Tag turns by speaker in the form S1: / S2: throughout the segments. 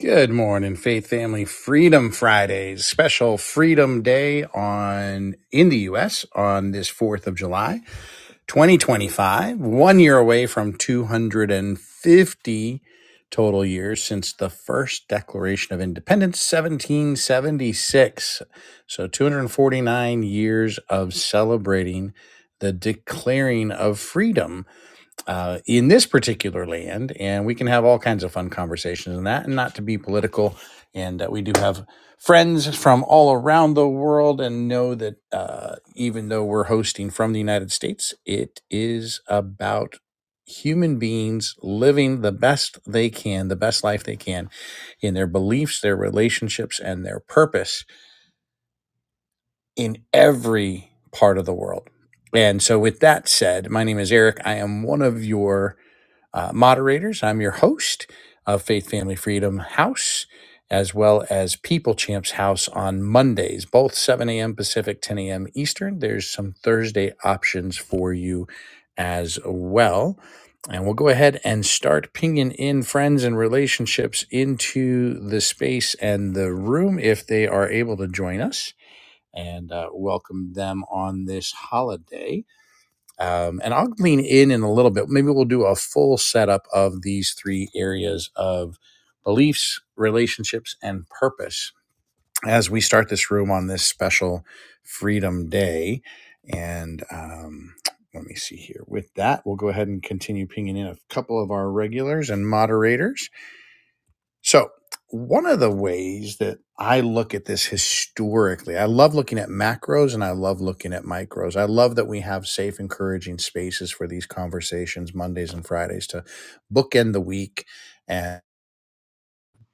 S1: Good morning, Faith Family Freedom Fridays, special Freedom Day on in the U.S. on this Fourth of July, 2025. One year away from 250 total years since the first Declaration of Independence, 1776. So 249 years of celebrating the declaring of freedom uh, in this particular land, and we can have all kinds of fun conversations in that, and not to be political. And uh, we do have friends from all around the world, and know that uh, even though we're hosting from the United States, it is about human beings living the best they can, the best life they can in their beliefs, their relationships, and their purpose in every part of the world. And so, with that said, my name is Eric. I am one of your uh, moderators. I'm your host of Faith Family Freedom House, as well as People Champs House on Mondays, both 7 a.m. Pacific, 10 a.m. Eastern. There's some Thursday options for you as well. And we'll go ahead and start pinging in friends and relationships into the space and the room if they are able to join us and uh, welcome them on this holiday um, and I'll lean in in a little bit. Maybe we'll do a full setup of these three areas of beliefs, relationships, and purpose as we start this room on this special Freedom Day. And um, let me see here. With that, we'll go ahead and continue pinging in a couple of our regulars and moderators. So, one of the ways that I look at this historically, I love looking at macros and I love looking at micros. I love that we have safe, encouraging spaces for these conversations Mondays and Fridays to bookend the week and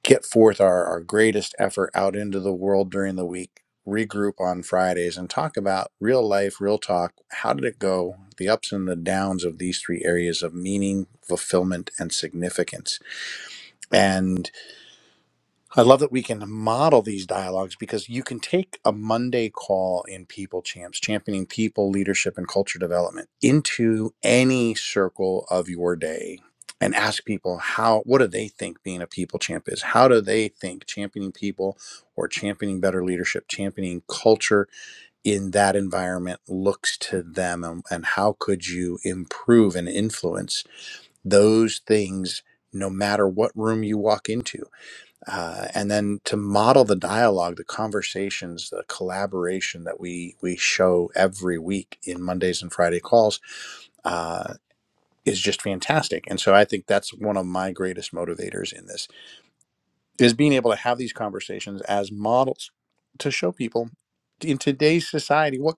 S1: get forth our, our greatest effort out into the world during the week, regroup on Fridays and talk about real life, real talk. How did it go? The ups and the downs of these three areas of meaning, fulfillment, and significance. and. I love that we can model these dialogues because you can take a Monday call in People Champs, championing people, leadership, and culture development into any circle of your day and ask people how what do they think being a people champ is how do they think championing people or championing better leadership championing culture in that environment looks to them and, and how could you improve and influence those things no matter what room you walk into uh, and then to model the dialogue, the conversations, the collaboration that we we show every week in Mondays and Friday calls uh, is just fantastic. And so I think that's one of my greatest motivators in this is being able to have these conversations as models to show people in today's society what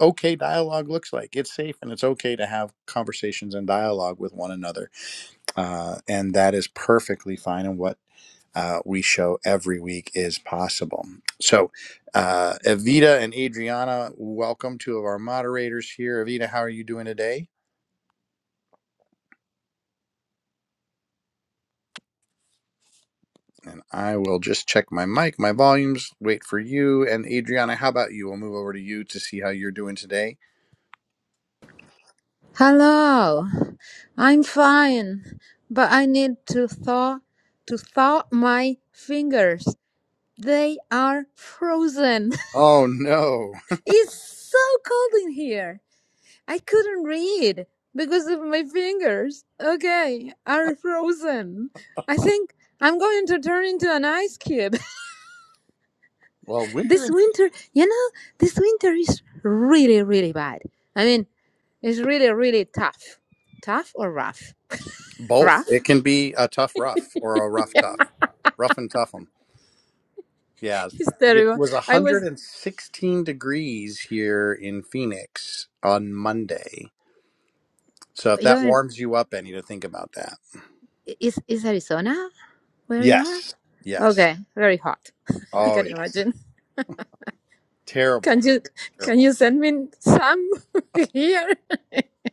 S1: okay dialogue looks like. It's safe and it's okay to have conversations and dialogue with one another, uh, and that is perfectly fine. And what uh, we show every week is possible. So, uh, Evita and Adriana, welcome two of our moderators here. Evita, how are you doing today? And I will just check my mic, my volumes, wait for you. And Adriana, how about you? We'll move over to you to see how you're doing today.
S2: Hello, I'm fine, but I need to thaw to thaw my fingers. They are frozen.
S1: Oh, no.
S2: It's so cold in here. I couldn't read because of my fingers. Okay, are frozen. I think I'm going to turn into an ice cube.
S1: Well, winter
S2: This
S1: is
S2: winter, you know, this winter is really, really bad. I mean, it's really, really tough. Tough or rough?
S1: both.
S2: Rough?
S1: It can be a tough rough or a rough tough, rough and tough 'em. Yeah.
S2: It's
S1: It
S2: terrible.
S1: was
S2: I was.
S1: 116 degrees here in Phoenix on Monday So if that
S2: You're in.
S1: warms you up any to think about that.
S2: Is is Arizona where you
S1: Yes.
S2: are?
S1: Yes.
S2: Okay, very hot. I
S1: Oh
S2: can
S1: yes.
S2: imagine.
S1: Terrible.
S2: Can you can
S1: Terrible.
S2: you send me some here?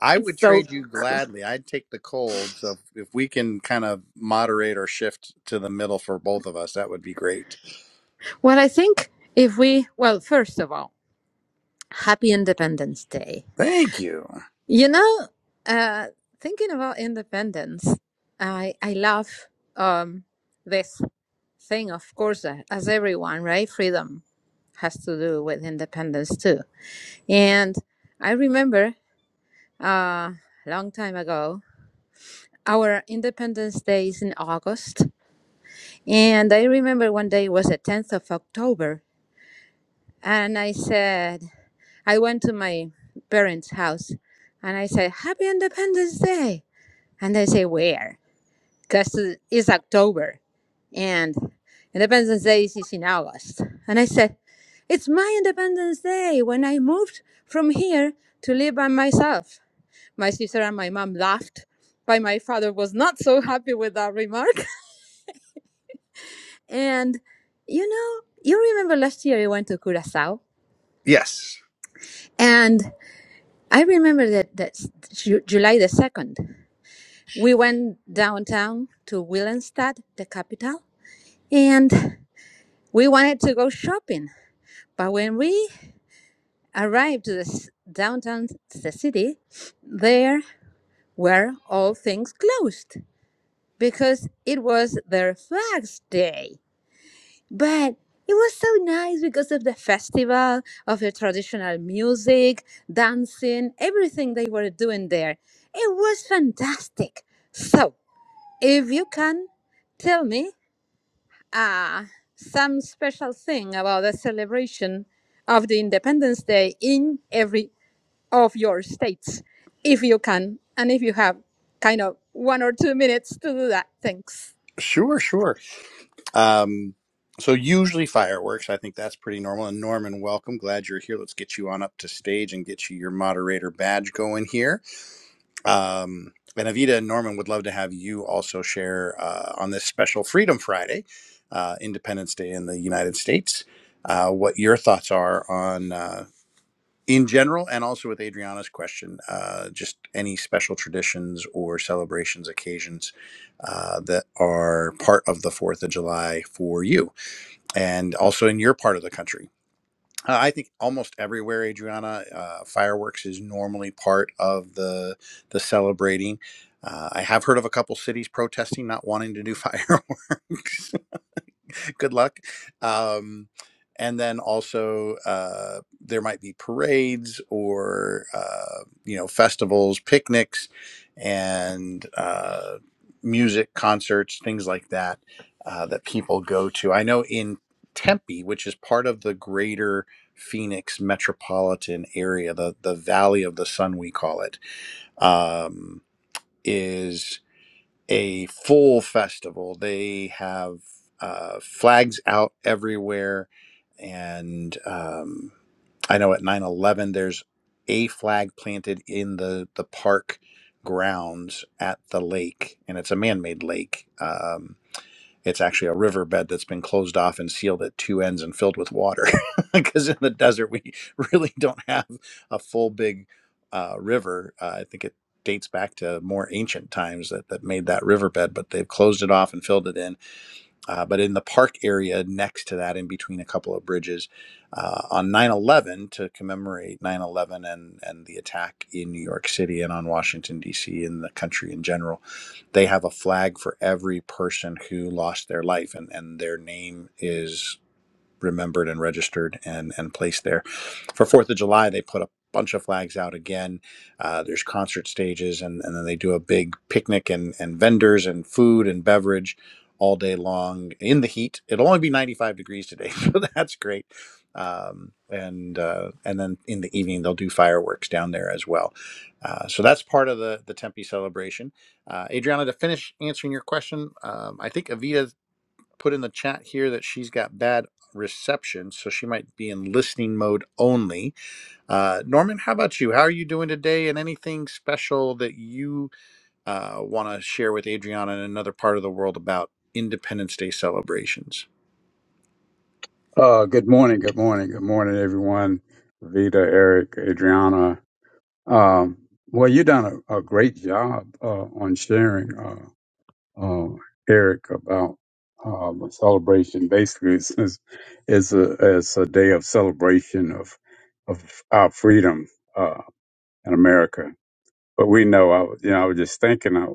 S1: I would
S2: So
S1: trade you gladly. I'd take the cold. So if, if we can kind of moderate or shift to the middle for both of us, that would be great.
S2: well, I think if we well, first of all, Happy Independence Day.
S1: Thank you.
S2: You know, uh, thinking about independence, I I love um, this thing. Of course, uh, as everyone, right? Freedom has to do with independence too And I remember uh, a long time ago, our Independence Day is in August. And I remember one day was the 10th of October. And I said, I went to my parents' house and I said, Happy Independence Day. And they say, Where? Because it's October. And Independence Day is in August. And I said, It's my Independence Day when I moved from here to live by myself. My sister and my mom laughed, but my father was not so happy with that remark. And you know, you remember last year I went to Curacao,
S1: Yes.
S2: and I remember that that Ju- July the second, we went downtown to Willemstad, the capital, and we wanted to go shopping. But when we arrived to the s- downtown to the city, there were all things closed because it was their flags day. But it was so nice because of the festival, of the traditional music, dancing, everything they were doing there. It was fantastic. So, if you can tell me uh, some special thing about the celebration of the Independence Day in every of your states, if you can, and if you have kind of one or two minutes to do that, thanks.
S1: Sure, sure. Um so usually fireworks, I think that's pretty normal. And Norman, welcome. Glad you're here. Let's get you on up to stage and get you your moderator badge going here. Um, and Avita and Norman would love to have you also share uh, on this special Freedom Friday, uh, Independence Day in the United States, uh, what your thoughts are on, uh, in general, and also with Adriana's question, uh, just any special traditions or celebrations, occasions uh, that are part of the 4th of July for you, and also in your part of the country uh, I think almost everywhere, Adriana, uh, fireworks is normally part of the the celebrating. Uh, I have heard of a couple cities protesting not wanting to do fireworks, good luck. Um, and then also uh, there might be parades or uh, you know festivals, picnics, and uh, music concerts, things like that uh, that people go to. I know in Tempe, which is part of the greater Phoenix metropolitan area, the the Valley of the Sun, we call it, um, is a full festival. They have uh, flags out everywhere. And um, I know at 9 11, there's a flag planted in the, the park grounds at the lake, and it's a man made lake. Um, it's actually a riverbed that's been closed off and sealed at two ends and filled with water. Because in the desert, we really don't have a full big uh, river. Uh, I think it dates back to more ancient times that, that made that riverbed, but they've closed it off and filled it in. Uh, but in the park area next to that, in between a couple of bridges, uh, on 9 11 to commemorate 9 11 and, and the attack in New York City and on Washington, D.C., and the country in general they have a flag for every person who lost their life and, and their name is remembered and registered and, and placed there. For Fourth of July, they put a bunch of flags out again. Uh, there's concert stages, and, and then they do a big picnic and, and vendors and food and beverage all day long in the heat. It'll only be 95 degrees today, so that's great. Um, and uh, and then in the evening they'll do fireworks down there as well. Uh, so that's part of the the Tempe celebration. Uh, Adriana, to finish answering your question, um, I think Evita put in the chat here that she's got bad reception, so she might be in listening mode only. Uh, Norman, how about you? How are you doing today? And anything special that you uh, want to share with Adriana and another part of the world about Independence Day celebrations?
S3: Uh, good morning, good morning, good morning, everyone. Vita, Eric, Adriana. Um, well, you done a, a great job uh, on sharing, uh, uh, Eric, about uh, the celebration. Basically, it's, it's it's a it's a day of celebration of of our freedom uh, in America. But we know, I was- you know, I was just thinking, I,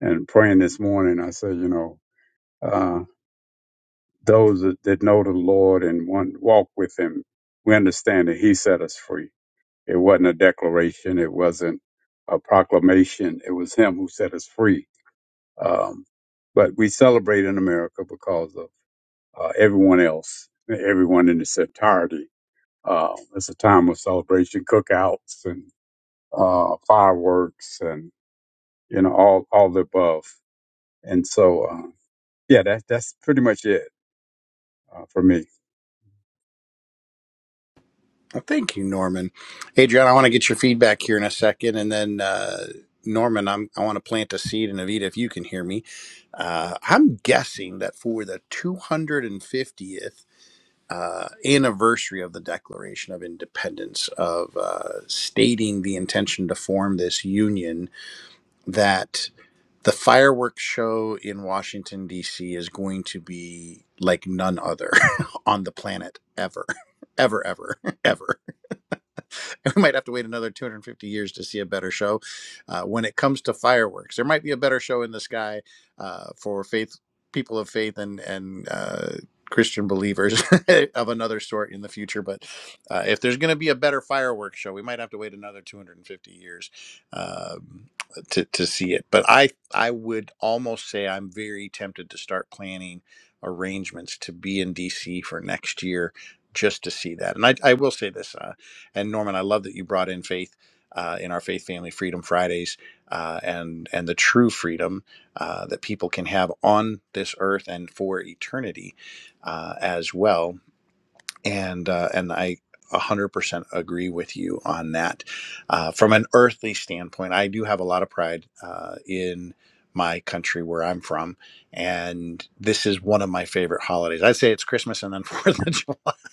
S3: and praying this morning. I said, you know. uh, those that that know the Lord and want walk with Him, we understand that He set us free. It wasn't a declaration, it wasn't a proclamation. It was Him who set us free. Um, but we celebrate in America because of uh, everyone else, everyone in its entirety. Uh, it's a time of celebration, cookouts and uh, fireworks, and you know all all the above. And so, uh, yeah, that that's pretty much it uh, for me.
S1: Well, thank you, Norman. Adriana, I want to get your feedback here in a second, and then. Uh, Norman, I'm, I want to plant a seed, and Avita, if you can hear me, uh, I'm guessing that for the 250th uh, anniversary of the Declaration of Independence, of uh, stating the intention to form this union, that the fireworks show in Washington, D.C. is going to be like none other on the planet ever, ever, ever, ever. we might have to wait another 250 years to see a better show. Uh, when it comes to fireworks, there might be a better show in the sky uh, for faith, people of faith, and and uh, Christian believers of another sort in the future. But uh, if there's going to be a better fireworks show, we might have to wait another 250 years um, to to see it. But I I would almost say I'm very tempted to start planning arrangements to be in DC for next year just to see that. And I, I will say this. uh, and Norman, I love that you brought in faith uh, in our Faith Family Freedom Fridays uh, and and the true freedom uh, that people can have on this earth and for eternity uh, as well. And uh, and I. 100% agree with you on that. Uh, from an earthly standpoint, I do have a lot of pride uh, in my country where I'm from. And this is one of my favorite holidays. I'd say it's Christmas and then 4th of July.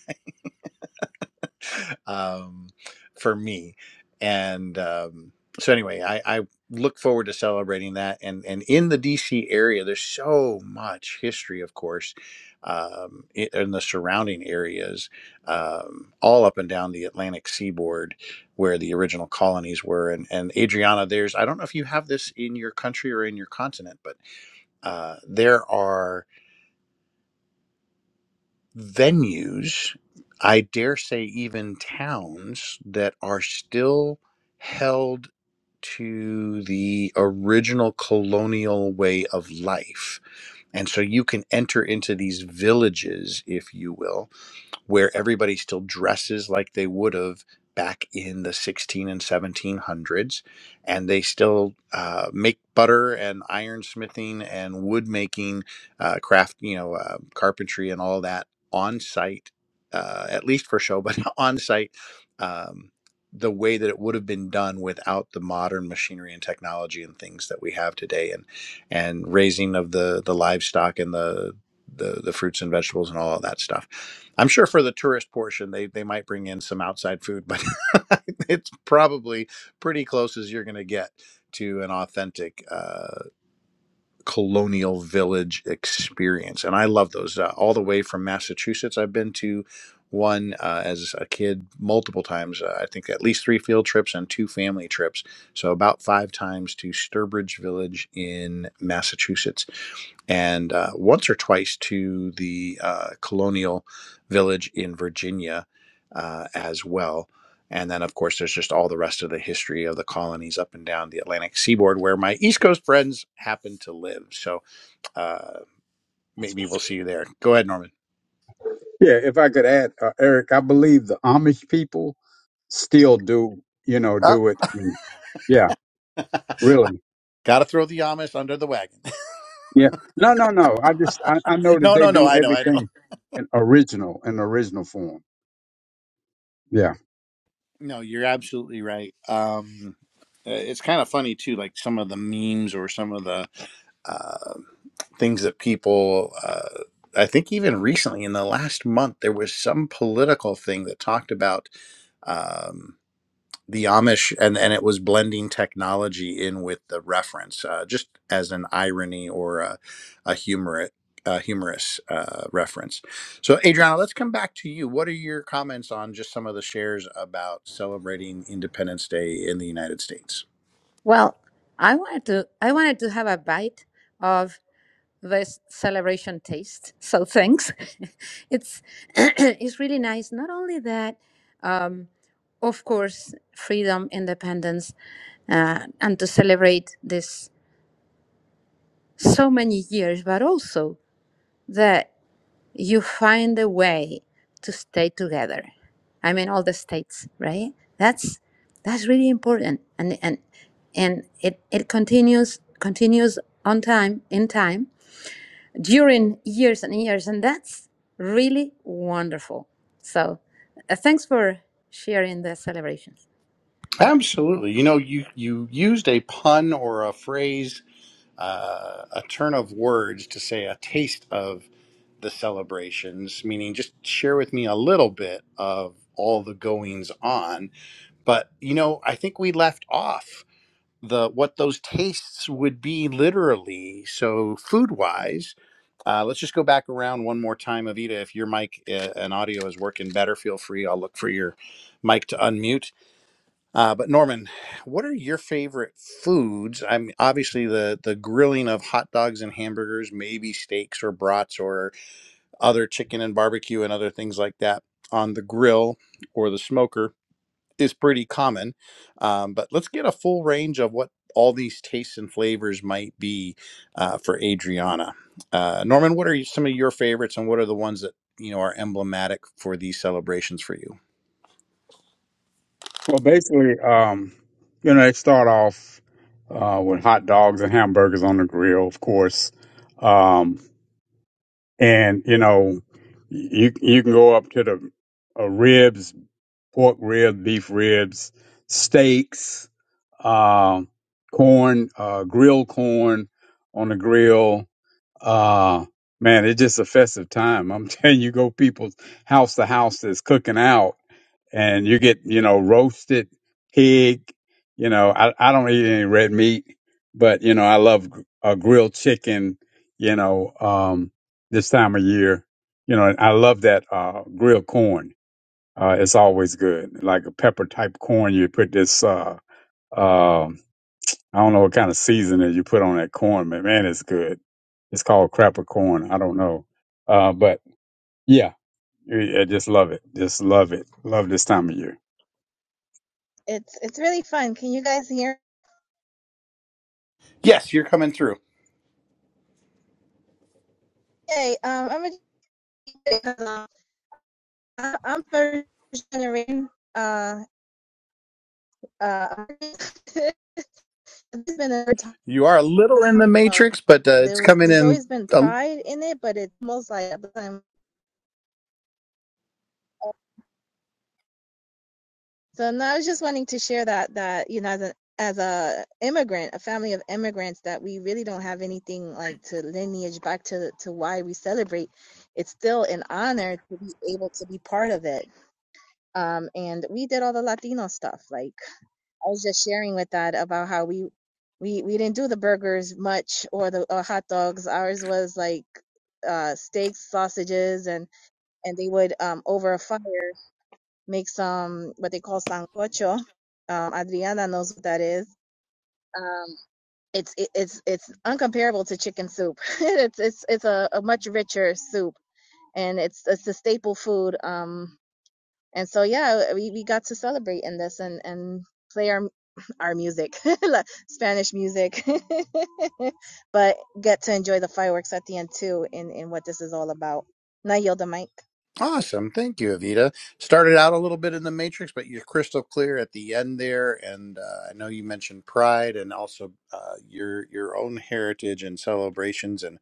S1: um, for me. And um, so, anyway, I, I look forward to celebrating that. And and in the DC area, there's so much history, of course, um, i- in the surrounding areas, um, all up and down the Atlantic seaboard, where the original colonies were. And and Adriana, there's I don't know if you have this in your country or in your continent, but uh, there are venues, I dare say even towns that are still held to the original colonial way of life. And so you can enter into these villages, if you will, where everybody still dresses like they would have back in the 16 and 1700s and they still uh, make butter and ironsmithing and wood making uh, craft you know uh, carpentry and all that on site uh, at least for show but on site um, the way that it would have been done without the modern machinery and technology and things that we have today and and raising of the the livestock and the the the fruits and vegetables and all of that stuff. I'm sure for the tourist portion, they they might bring in some outside food, but it's probably pretty close as you're going to get to an authentic uh, colonial village experience. And I love those uh, all the way from Massachusetts. I've been to one uh, as a kid multiple times. Uh, I think at least three field trips and two family trips. So about five times to Sturbridge Village in Massachusetts and uh, once or twice to the uh, colonial village in Virginia uh, as well. And then, of course, there's just all the rest of the history of the colonies up and down the Atlantic seaboard where my East Coast friends happen to live. So uh, maybe we'll see you there. Go ahead, Norman.
S3: Yeah, if I could add, uh, Eric, I believe the Amish people still do, you know,
S1: Ah,
S3: do it. And, yeah, really.
S1: Got to throw the Amish under the wagon.
S3: Yeah. No, no, no. I just, I, I know that
S1: no,
S3: they
S1: no, no.
S3: do
S1: I know. I know.
S3: everything in original, in original form. Yeah.
S1: No, you're absolutely right. Um, uh, it's kind of funny too, like some of the memes or some of the uh, things that people. Uh, I think even recently, in the last month, there was some political thing that talked about. Um, the Amish, and and it was blending technology in with the reference, uh, just as an irony or a, a humor, a humorous uh, reference. So, Adriana, let's come back to you. What are your comments on just some of the shares about celebrating Independence Day in the United States?
S2: Well, I wanted to I wanted to have a bite of this celebration taste. So thanks. it's it's really nice. Not only that, um, of course, freedom, independence, uh, and to celebrate this so many years, but also that you find a way to stay together. I mean, all the states, right? That's that's really important, and and and it it continues continues on time in time during years and years and that's really wonderful so uh, thanks for sharing the celebrations
S1: Absolutely. You know, you you used a pun or a phrase uh, a turn of words to say a taste of the celebrations, meaning just share with me a little bit of all the goings on. But you know, I think we left off the what those tastes would be literally. So food wise, uh, let's just go back around one more time, Avita. If your mic uh, and audio is working better, feel free. I'll look for your mic to unmute. Uh, but Norman, what are your favorite foods? I'm obviously the the grilling of hot dogs and hamburgers, maybe steaks or brats or other chicken and barbecue and other things like that on the grill or the smoker is pretty common. Um, but let's get a full range of what all these tastes and flavors might be uh, for Adriana. Uh, Norman, what are you- some of your favorites, and what are the ones that you know are emblematic for these celebrations for you?
S3: Well, basically, um, you know, they start off uh, with hot dogs and hamburgers on the grill, of course. Um, and, you know, you, you can go up to the uh, ribs, pork ribs, beef ribs, steaks uh, corn, uh, grilled corn on the grill. Uh, man, it's just a festive time. I'm telling you, go people's house to house that's cooking out, and you get you know roasted pig. You know, I I don't eat any red meat, but you know I love gr- uh, grilled chicken. You know, um, this time of year, you know, and I love that uh, grilled corn. Uh, it's always good, like a pepper type corn. You put this uh, um. I don't know what kind of seasoning you put on that corn, but man, it's good. It's called crapper corn. I don't know. Uh, but yeah, I I just love it. Just love it. Love this time of year.
S4: It's it's really fun. Can you guys hear? me?
S1: Yes, you're coming through.
S4: Hey, um, I'm a am first generation. Uh, uh, it's been a
S1: You are a little in the
S4: time. uh,
S1: matrix, but uh,
S4: There
S1: it's
S4: was
S1: coming
S4: there's
S1: in
S4: always been
S1: uh,
S4: pride in it, but it's most like a time. So now I was just wanting to share that that you know as an as a immigrant, a family of immigrants, that we really don't have anything like to lineage back to to why we celebrate. It's still an honor to be able to be part of it um, and we did all the Latino stuff. Like I was just sharing with that about how we we we didn't do the burgers much or the uh, hot dogs. Ours was like uh, steaks, sausages, and and they would um, over a fire make some what they call sancocho. Um, Adriana knows what that is. Um, it's it, it's it's uncomparable to chicken soup. it's it's it's a, a much richer soup, and it's it's a staple food. Um, and so yeah we, we got to celebrate in this and and play our our music spanish music but get to enjoy the fireworks at the end too in in what this is all about and i yield the mic
S1: awesome. Thank you, Avita. Started out a little bit in the matrix, but you're crystal clear at the end there. And uh, I know you mentioned pride and also uh, your your own heritage and celebrations. and.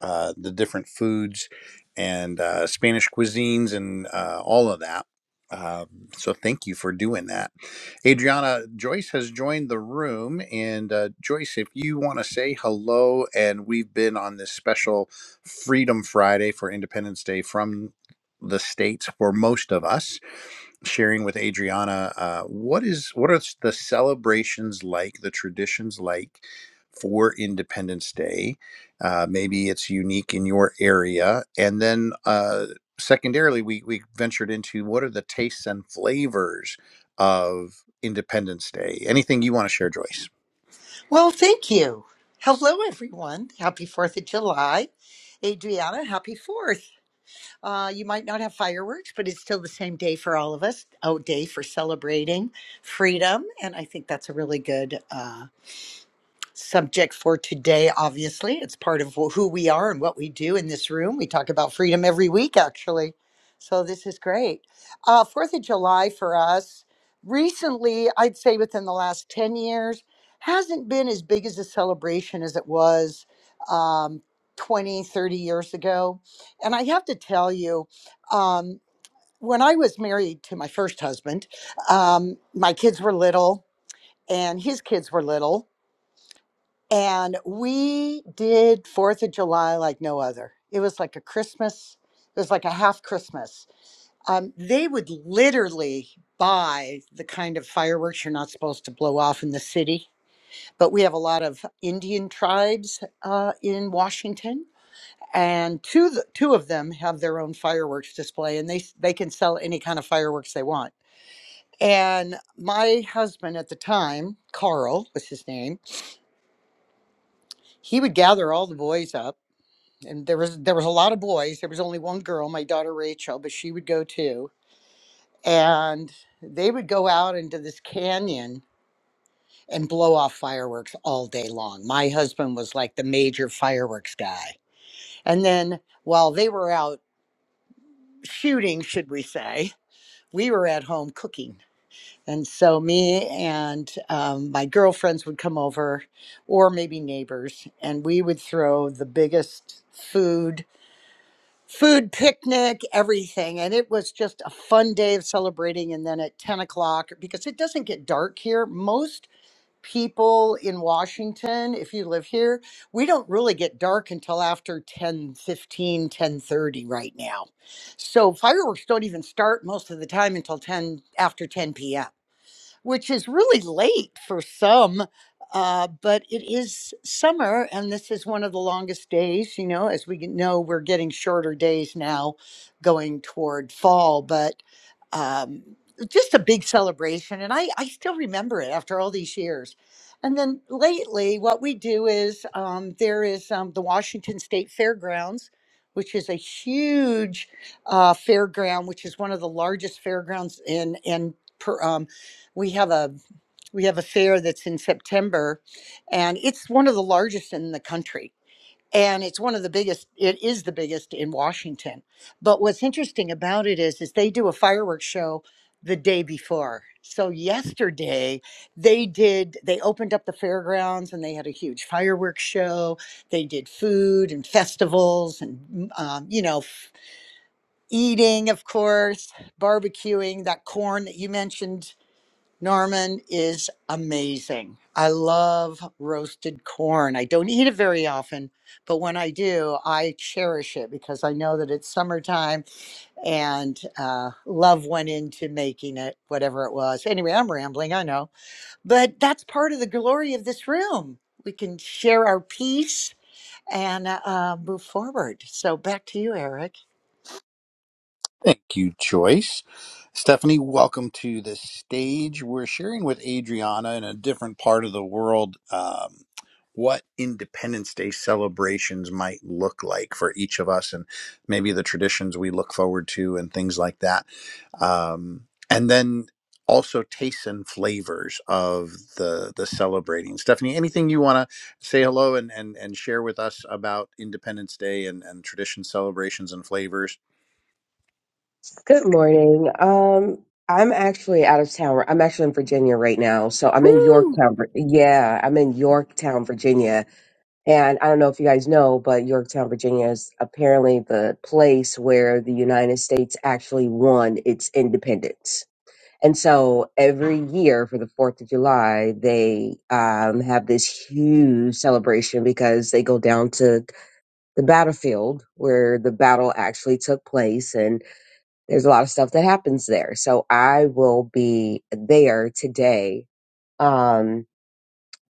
S1: uh, the different foods and uh, Spanish cuisines and uh, all of that. Um, so thank you for doing that. Adriana Joyce has joined the room. And uh, Joyce, if you want to say hello, and we've been on this special Freedom Friday for Independence Day from the States for most of us sharing with Adriana. Uh, what is what are the celebrations like? The traditions like for Independence Day? Uh, maybe it's unique in your area, and then. Uh, Secondarily, we, we ventured into what are the tastes and flavors of Independence Day? Anything you want to share, Joyce?
S5: Well, thank you. Hello, everyone. Happy 4th of July. Adriana, happy 4th. Uh, you might not have fireworks, but it's still the same day for all of us, a day for celebrating freedom. And I think that's a really good uh, subject for today obviously it's part of wh- who we are and what we do in this room we talk about freedom every week actually so this is great uh, fourth of july for us recently i'd say within the last 10 years hasn't been as big as a celebration as it was um, 20 thirty years ago and i have to tell you um, when i was married to my first husband um, my kids were little and his kids were little and we did Fourth of July like no other. It was like a Christmas. It was like a half Christmas. Um, they would literally buy the kind of fireworks you're not supposed to blow off in the city. But we have a lot of Indian tribes uh, in Washington, and two th- two of them have their own fireworks display, and they s- they can sell any kind of fireworks they want. And my husband at the time, Carl was his name, he would gather all the boys up and there was there was a lot of boys. There was only one girl, my daughter Rachel, but she would go too. And they would go out into this canyon and blow off fireworks all day long. My husband was like the major fireworks guy. And then while they were out shooting, should we say, we were at home cooking. And so me and um, my girlfriends would come over, or maybe neighbors, and we would throw the biggest food food picnic, everything. And it was just a fun day of celebrating. And then at 10 o'clock, because it doesn't get dark here, most people in Washington, if you live here, we don't really get dark until after ten fifteen, ten thirty right now. So fireworks don't even start most of the time until 10 after 10 p.m which is really late for some, uh, but it is summer, and this is one of the longest days. You know, as we get- know, we're getting shorter days now going toward fall, but um, just a big celebration. And I, I still remember it after all these years. And then lately, what we do is um, there is um, the Washington State Fairgrounds, which is a huge uh, fairground, which is one of the largest fairgrounds in in. per um we have a we have a fair that's in September and it's one of the largest in the country and it's one of the biggest it is the biggest in Washington but what's interesting about it is is they do a fireworks show the day before so yesterday they did they opened up the fairgrounds and they had a huge fireworks show they did food and festivals and mm, um, you know f- eating of course barbecuing that corn that you mentioned Norman is amazing. I love roasted corn. I don't eat it very often, but when I do, I cherish it because I know that it's summertime and uh, love went into making it, whatever it was. Anyway, I'm rambling, I know, but that's part of the glory of this room. We can share our peace and uh, uh, move forward. So back to you, Eric.
S1: Thank you, Joyce. Stephanie, welcome to the stage. We're sharing with Adriana in a different part of the world um, what Independence Day celebrations might look like for each of us and maybe the traditions we look forward to and things like that. Um, and then also tastes and flavors of the the celebrating. Stephanie, anything you want to say hello and, and and share with us about Independence Day and, and tradition celebrations and flavors?
S6: Good morning. Um, I'm actually out of town. I'm actually in Virginia right now. So I'm in
S1: Woo!
S6: Yorktown. Vir- Yeah, I'm in Yorktown, Virginia. And I don't know if you guys know, but Yorktown, Virginia is apparently the place where the United States actually won its independence. And so every year for the 4th of July, they um, have this huge celebration because they go down to the battlefield where the battle actually took place. And there's a lot of stuff that happens there. So I will be there today. Um,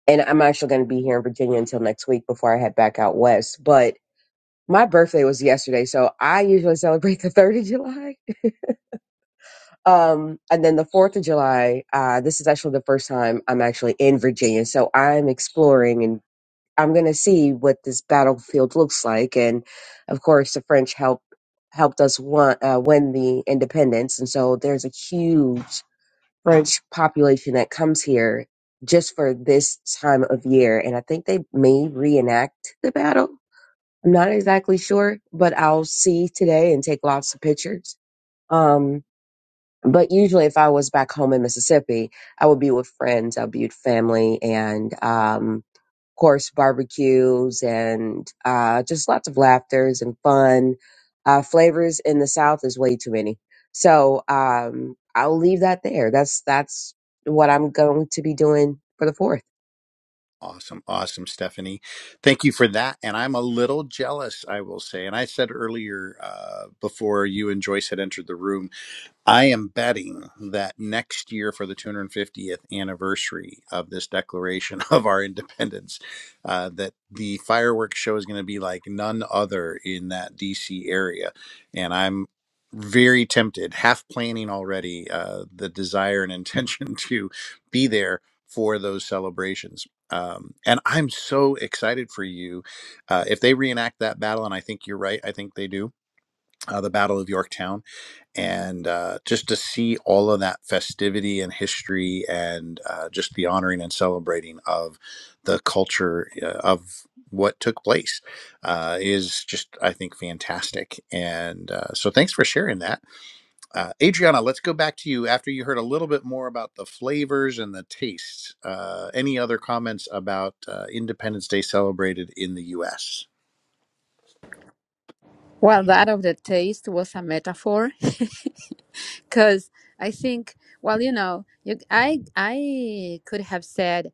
S6: and I'm actually going to be here in Virginia until next week before I head back out west. But my birthday was yesterday, so I usually celebrate the 3rd of July. Um, and then the 4th of July, uh, this is actually the first time I'm actually in Virginia. So I'm exploring and I'm going to see what this battlefield looks like. And of course, the French help helped us won, uh, win the independence. And so there's a huge French population that comes here just for this time of year. And I think they may reenact the battle. I'm not exactly sure, but I'll see today and take lots of pictures. Um, but usually, if I was back home in Mississippi, I would be with friends, I'd be with family, and um, course, barbecues and uh, just lots of laughters and fun. Uh, flavors in the South is way too many. So um, I'll leave that there. That's that's what I'm going to be doing for the fourth.
S1: Awesome, awesome, Stephanie. Thank you for that. And I'm a little jealous, I will say. And I said earlier, uh, before you and Joyce had entered the room, I am betting that next year, for the 250th anniversary of this declaration of our independence, uh, that the fireworks show is going to be like none other in that DC area. And I'm very tempted, half planning already uh, the desire and intention to be there for those celebrations. Um, and I'm so excited for you. Uh, if they reenact that battle, and I think you're right, I think they do, uh, the Battle of Yorktown and uh, just to see all of that festivity and history and uh, just the honoring and celebrating of the culture uh, of what took place uh, is just i think fantastic and uh, so thanks for sharing that uh, adriana let's go back to you after you heard a little bit more about the flavors and the tastes uh, any other comments about uh, independence day celebrated in the us
S2: Well, that of the taste was a metaphor, because I think, well, you know, you, I I could have said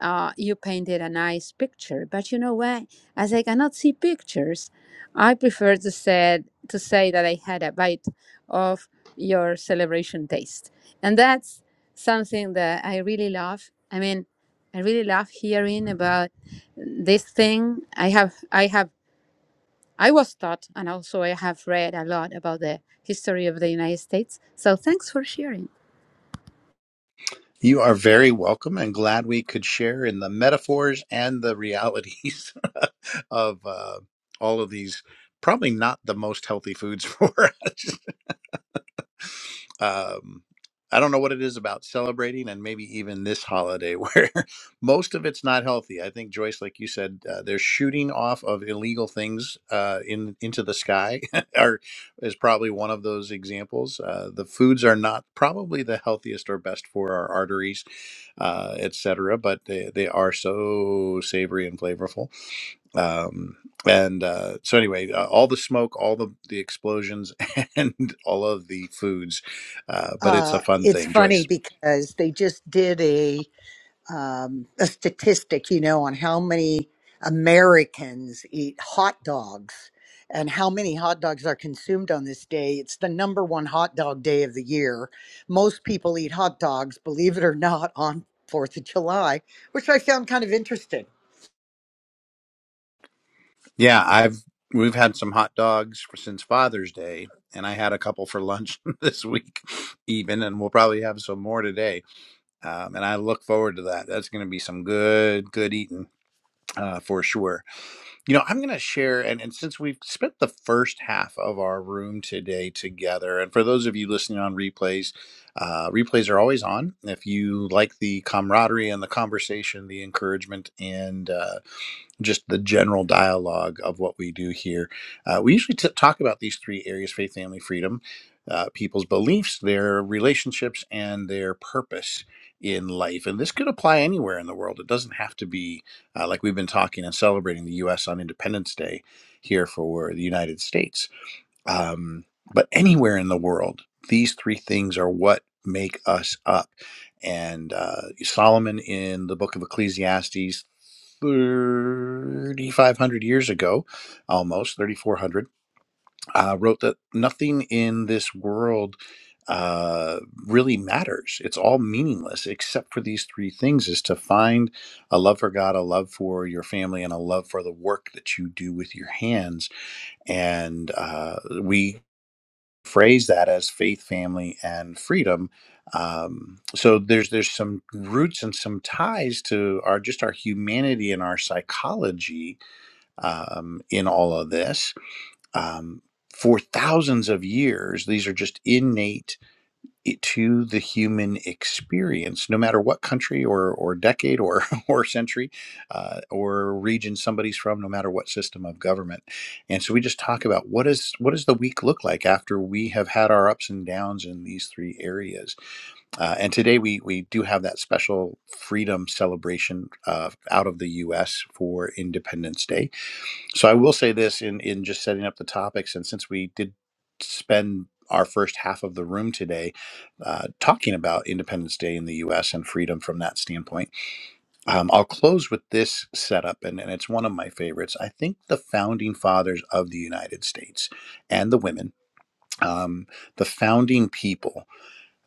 S2: uh, you painted a nice picture. But you know what? As I cannot see pictures, I prefer to said to say that I had a bite of your celebration taste, and that's something that I really love. I mean, I really love hearing about this thing. I have, I have. I was taught, and also I have read a lot about the history of the United States. So thanks for sharing.
S1: You are very welcome and glad we could share in the metaphors and the realities of uh, all of these, probably not the most healthy foods for us um, I don't know what it is about celebrating and maybe even this holiday where most of it's not healthy. I think Joyce, like you said, uh, they're shooting off of illegal things uh, in into the sky, or is probably one of those examples. Uh, the foods are not probably the healthiest or best for our arteries, uh, etc. But they, they are so savory and flavorful um, and uh, so anyway uh, all the smoke all the the explosions and all of the foods uh, but it's a
S5: Uh,
S1: fun
S5: it's
S1: thing
S5: funny
S1: joyce
S5: because they just did a. um, a statistic, you know, on how many Americans eat hot dogs and how many hot dogs are consumed on this day. It's the number one hot dog day of the year. Most people eat hot dogs, believe it or not, on Fourth of July, which I found kind of interesting
S1: yeah i've we've had some hot dogs for, since father's day and i had a couple for lunch this week even and we'll probably have some more today um, and i look forward to that that's going to be some good good eating uh, for sure You know, I'm going to share, and, and since we've spent the first half of our room today together, and for those of you listening on replays, uh, replays are always on. If you like the camaraderie and the conversation, the encouragement, and. uh, just the general dialogue of what we do here. Uh, we usually t- talk about these three areas faith, family, freedom, uh, people's beliefs, their relationships, and their purpose in life. And this could apply anywhere in the world. It doesn't have to be uh, like we've been talking and celebrating the U.S. on Independence Day here for the United States um, but anywhere in the world, these three things are what make us up. And uh, Solomon in the book of Ecclesiastes, 3,500 years ago, almost 3,400, uh, wrote that nothing in this world uh, really matters. It's all meaningless except for these three things is to find a love for God, a love for your family, and a love for the work that you do with your hands. And uh, we phrase that as faith, family, and freedom. Um, so there's there's some roots and some ties to our just our humanity and our psychology um, in all of this. Um, for thousands of years, these are just innate it- to the human experience, no matter what country or, or decade or, or century uh, or region somebody's from, no matter what system of government. And so we just talk about what is what does the week look like after we have had our ups and downs in these three areas. Uh, and today we we do have that special freedom celebration uh, out of the U.S. for Independence Day so I will say this in in just setting up the topics, and since we did spend our first half of the room today uh, talking about Independence Day in the U.S. and freedom from that standpoint, um, I'll close with this setup, and, and it's one of my favorites. I think the founding fathers of the United States and the women. Um, the founding people,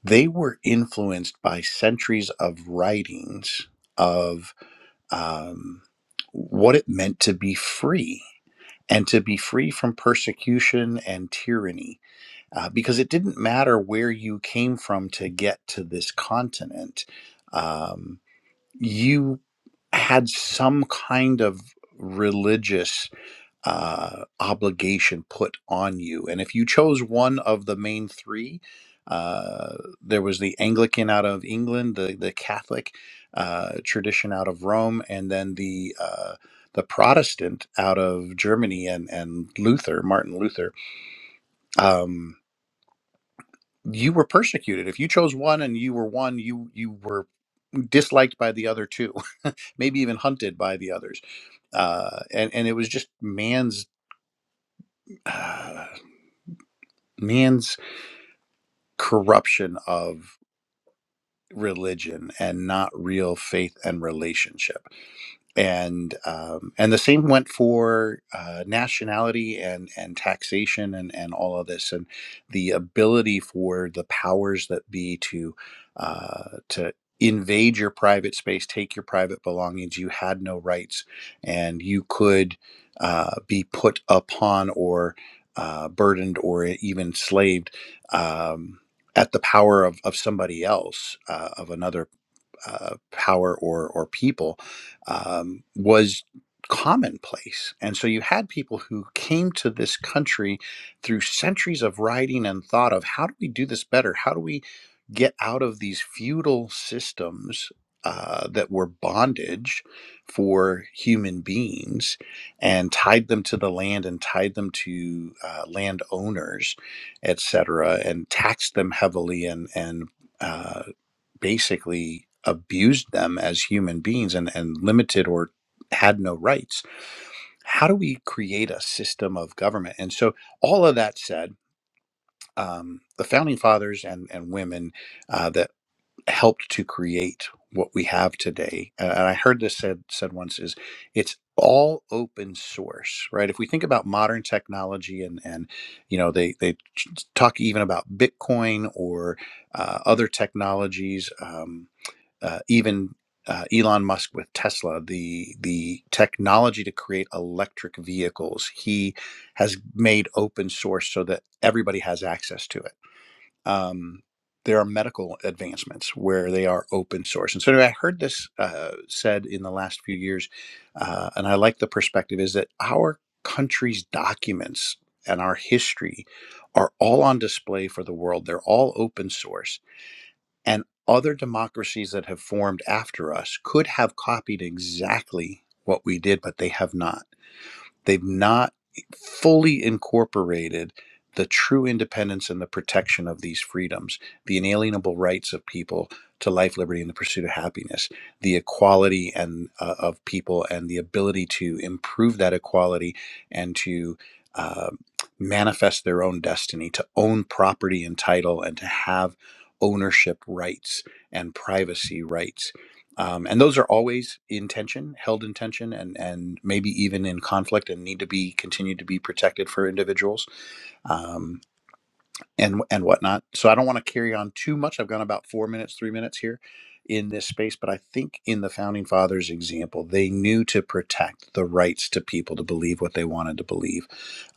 S1: they were influenced by centuries of writings of um, what it meant to be free and to be free from persecution and tyranny, uh, because it didn't matter where you came from to get to this continent. Um, you had some kind of religious uh, obligation put on you. And if you chose one of the main three, uh, there was the Anglican out of England, the the Catholic uh, tradition out of Rome, and then the uh, the Protestant out of Germany and and Luther, Martin Luther. Um, you were persecuted if you chose one and you were one you you were disliked by the other two maybe even hunted by the others uh and and it was just man's uh, man's corruption of religion and not real faith and relationship and um, and the same went for uh, nationality and and taxation and and all of this and the ability for the powers that be to uh, to invade your private space, take your private belongings. You had no rights, and you could uh, be put upon or uh, burdened or even enslaved Um, at the power of, of somebody else, uh, of another uh, power or or people um, was commonplace and so you had people who came to this country through centuries of writing and thought of how do we do this better how do we get out of these feudal systems uh, that were bondage for human beings and tied them to the land and tied them to uh, landowners, et cetera, and taxed them heavily and and uh, basically abused them as human beings and, and limited or had no rights. How do we create a system of government? And so, all of that said, um, the founding fathers and, and women uh, that helped to create what we have today, and I heard this said said once, is it's all open source, right? If we think about modern technology, and and you know they they talk even about Bitcoin or uh, other technologies. Um, uh, even uh, Elon Musk with Tesla, the the technology to create electric vehicles, he has made open source so that everybody has access to it. Um, there are medical advancements where they are open source, and so anyway, I heard this uh, said in the last few years, uh, and I like the perspective is that our country's documents and our history are all on display for the world. They're all open source and other democracies that have formed after us could have copied exactly what we did, but they have not. They've not fully incorporated the true independence and the protection of these freedoms, the inalienable rights of people to life, liberty, and the pursuit of happiness, the equality and uh, of people, and the ability to improve that equality and to uh, manifest their own destiny, to own property and title, and to have ownership rights and privacy rights um, and those are always in tension held in tension and and maybe even in conflict and need to be continued to be protected for individuals Um, and and whatnot. So I don't want to carry on too much. I've gone about four minutes, three minutes here in this space, but I think in the founding fathers example, they knew to protect the rights to people to believe what they wanted to believe,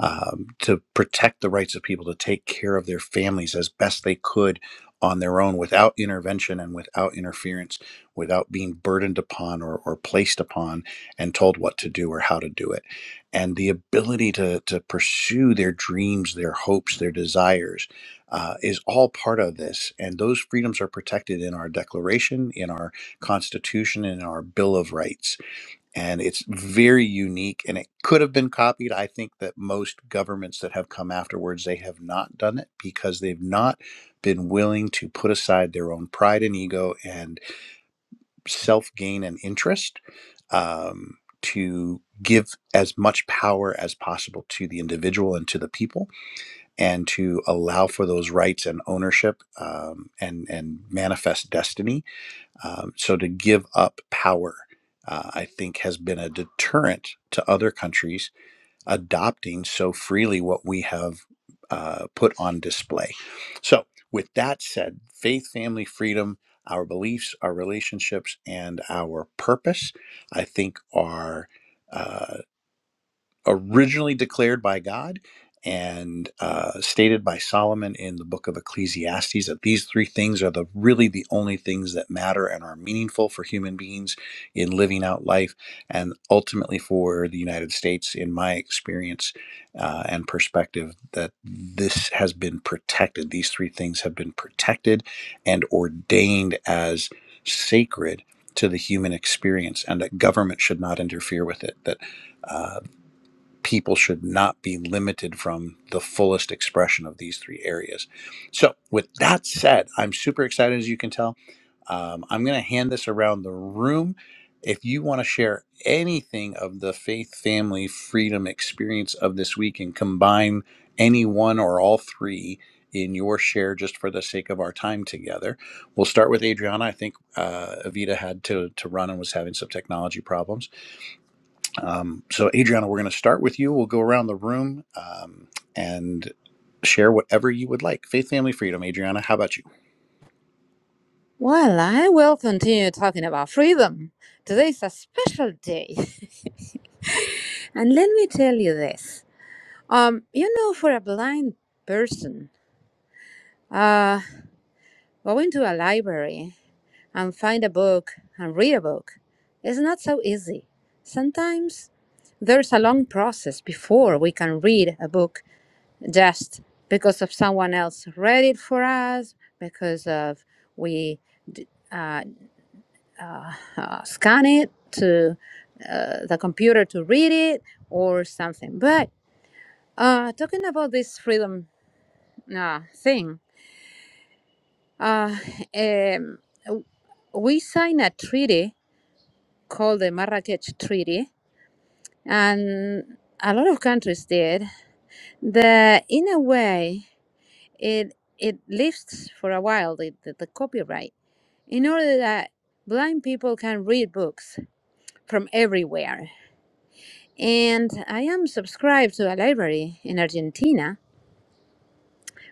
S1: um, to protect the rights of people to take care of their families as best they could on their own without intervention and without interference, without being burdened upon or, or placed upon and told what to do or how to do it. And the ability to, to pursue their dreams, their hopes, their desires uh, is all part of this. And those freedoms are protected in our Declaration, in our Constitution, in our Bill of Rights. And it's very unique and it could have been copied. I think that most governments that have come afterwards, they have not done it because they've not been willing to put aside their own pride and ego and self gain and interest. Um, to give as much power as possible to the individual and to the people and to allow for those rights and ownership um, and and manifest destiny. Um, so to give up power, uh, I think, has been a deterrent to other countries adopting so freely what we have uh, put on display. So with that said, faith, family, freedom. Our beliefs, our relationships, and our purpose, I think, are uh, originally declared by God and uh, stated by Solomon in the book of Ecclesiastes that these three things are the really the only things that matter and are meaningful for human beings in living out life and ultimately for the United States in my experience uh, and perspective that this has been protected these three things have been protected and ordained as sacred to the human experience and that government should not interfere with it that uh, people should not be limited from the fullest expression of these three areas. So, with that said, I'm super excited as you can tell. Um, I'm going to hand this around the room. If you want to share anything of the faith, family, freedom experience of this week and combine any one or all three in your share just for the sake of our time together, we'll start with Adriana. I think uh, Avita had to, to run and was having some technology problems. Um, so, Adriana, we're going to start with you. We'll go around the room um, and share whatever you would like. Faith, family, freedom. Adriana, how about you?
S2: Well, I will continue talking about freedom. Today is a special day. And let me tell you this. Um, you know, for a blind person, uh, going to a library and find a book and read a book is not so easy. Sometimes there's a long process before we can read a book just because of someone else read it for us, because of we, d- uh, uh, uh, scan it to uh, the computer to read it or something. But uh, talking about this freedom uh, thing, uh, um, we signed a treaty called the Marrakech Treaty, and a lot of countries did. That in a way, it it lives for a while the, the, the copyright in order that blind people can read books from everywhere And I am subscribed to a library in Argentina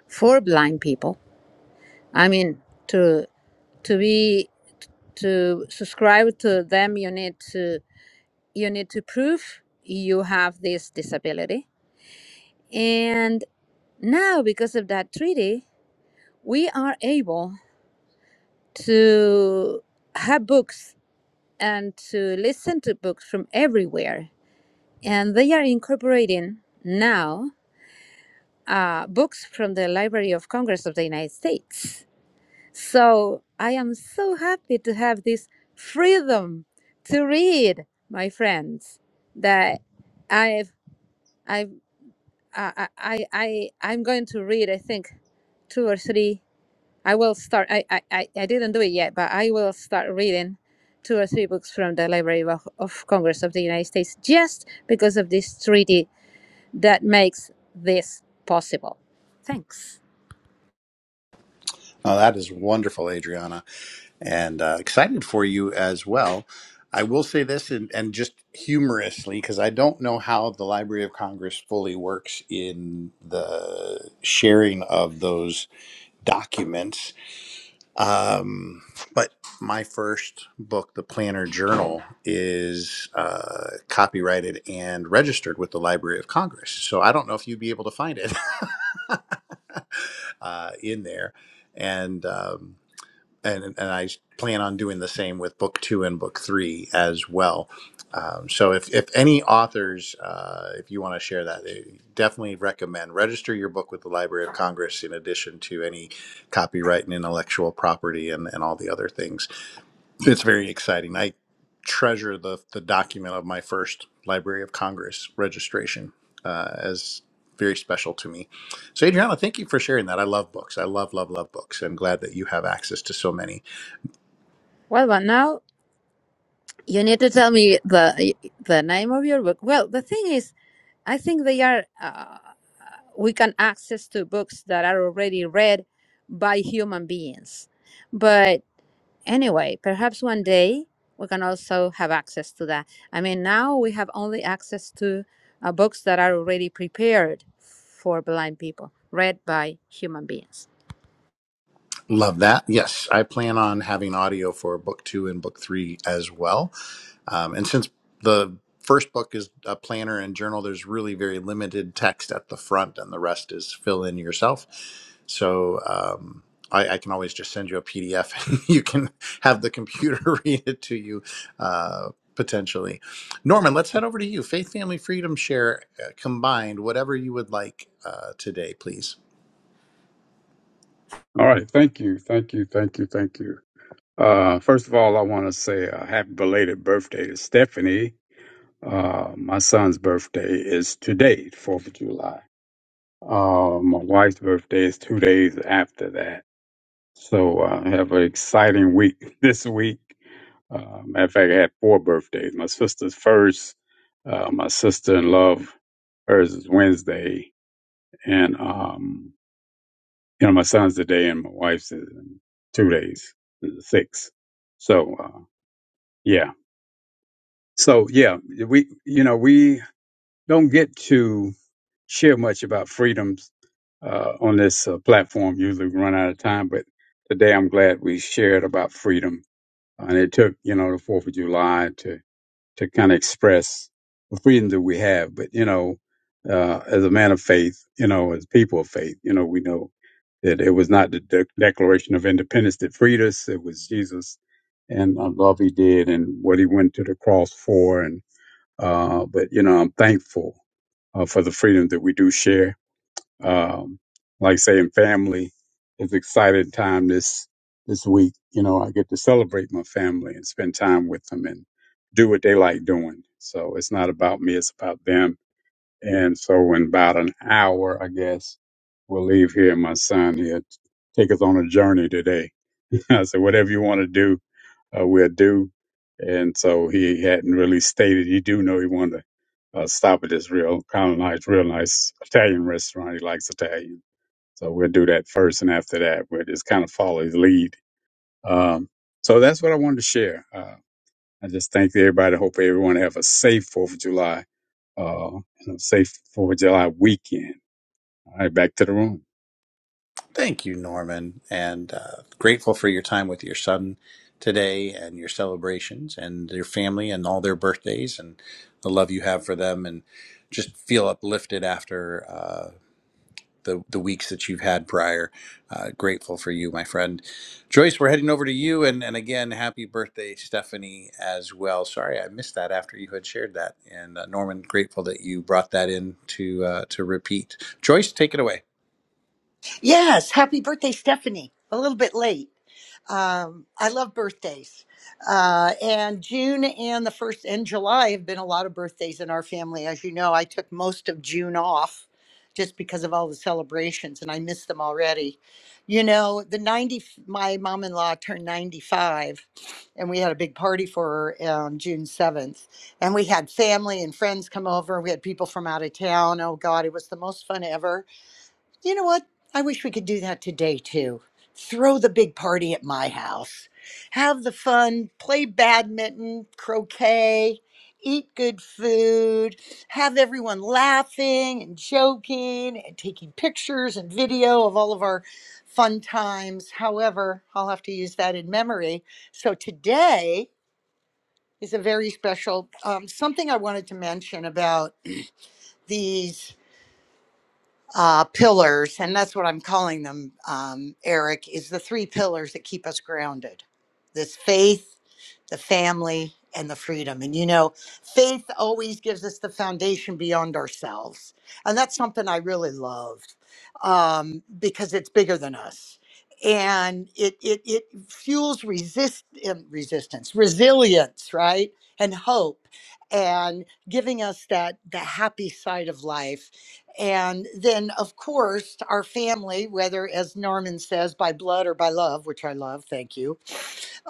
S2: for blind people. I mean, to to be to subscribe to them, you need to you need to prove you have this disability. And now, because of that treaty, we are able to have books and to listen to books from everywhere, and they are incorporating now uh, books from the Library of Congress of the United States. So I am so happy to have this freedom to read, my friends. That I've I've uh, I I I I'm going to read. I think two or three. I will start. I I I I didn't do it yet, but I will start reading two or three books from the Library of, of Congress of the United States just because of this treaty that makes this possible. Thanks.
S1: Oh, that is wonderful, Adriana, and uh, excited for you as well. I will say this, and, and just humorously, because I don't know how the Library of Congress fully works in the sharing of those documents Um, but my first book, The Planner Journal, is uh, copyrighted and registered with the Library of Congress. So I don't know if you'd be able to find it uh, in there. And um, and and I plan on doing the same with book two and book three as well. Um, so if if any authors, uh, if you want to share that, I definitely recommend register your book with the Library of Congress. In addition to any copyright and intellectual property and and all the other things, it's very exciting. I treasure the the document of my first Library of Congress registration uh, as very special to me. So Adriana, thank you for sharing that. I love books. I love love love books. I'm glad that you have access to so many.
S2: Well, but now you need to tell me the the name of your book. Well, the thing is, I think they are. Uh, we can access to books that are already read by human beings, but anyway, perhaps one day we can also have access to that. I mean, now we have only access to uh, books that are already prepared for blind people, read by human beings.
S1: Love that. Yes, I plan on having audio for book two and book three as well. Um, and since the first book is a planner and journal, there's really very limited text at the front, and the rest is fill in yourself. So um, I, I can always just send you a PDF and you can have the computer read it to you uh, potentially. Norman, let's head over to you. Faith, family, freedom, share uh, combined, whatever you would like uh, today, please.
S3: All right. Thank you. Thank you. Thank you. Thank you. Uh, first of all, I want to say a happy belated birthday to Stephanie. Uh, my son's birthday is today, 4th of July. Uh, my wife's birthday is two days after that. So uh, I have an exciting week this week. Uh, matter of fact, I had four birthdays. My sister's first. Uh, my sister in love, hers is Wednesday, and um, you know my son's today, and my wife's is in two days, six. So uh, yeah, so yeah, we you know we don't get to share much about freedoms uh, on this uh, platform. Usually, we run out of time, but today I'm glad we shared about freedom and it took you know the Fourth of July to to kind of express the freedom that we have. But you know, uh, as a man of faith, you know, as people of faith, you know, we know that it was not the de- Declaration of Independence that freed us; it was Jesus and the love He did and what He went to the cross for. And uh, but you know, I'm thankful uh, for the freedom that we do share um, like saying family is exciting time this this week. You know, I get to celebrate my family and spend time with them and do what they like doing. So it's not about me; it's about them. And so, in about an hour, I guess we'll leave here. My son here take us on a journey today. I said, whatever you want to do, uh, will do. And so he hadn't really stated. He do know he wanted to uh, stop at this real kind of nice, real nice Italian restaurant. He likes Italian, so we'll do that first, and after that, we'll just kind of follow his lead. Um, so that's what I wanted to share. Uh, I just thank everybody. Hope everyone have a safe Fourth of July, uh, and a safe Fourth of July weekend. All right, back to the room.
S1: Thank you, Norman, and uh, grateful for your time with your son today and your celebrations and your family and all their birthdays and the love you have for them and just feel uplifted after uh, the the weeks that you've had prior. Uh, grateful for you, my friend. Joyce, we're heading over to you and and again, happy birthday, Stephanie, as well. Sorry, I missed that after you had shared that. And uh, Norman, grateful that you brought that in to uh, to repeat. Joyce, take it away.
S5: Yes, happy birthday, Stephanie. A little bit late. Um, I love birthdays. Uh, and June and the first and July have been a lot of birthdays in our family. As you know, I took most of June off just because of all the celebrations and I miss them already. You know, the 90, my mom in law turned 95 and we had a big party for her on June 7th. And we had family and friends come over. We had people from out of town. Oh God, it was the most fun ever you know what? I wish we could do that today too. Throw the big party at my house. Have the fun, play badminton, croquet, eat good food, have everyone laughing and joking and taking pictures and video of all of our fun times. However, I'll have to use that in memory. So today is a very special um, something I wanted to mention about these uh, pillars, and that's what I'm calling them, um, Eric, is the three pillars that keep us grounded this faith, the family, and the freedom. And you know, faith always gives us the foundation beyond ourselves. And that's something I really loved um, because it's bigger than us. And it, it, it fuels resist, um, resistance, resilience, right? And hope, and giving us that the happy side of life and then, of course, our family, whether as Norman says, by blood or by love, which I love, thank you,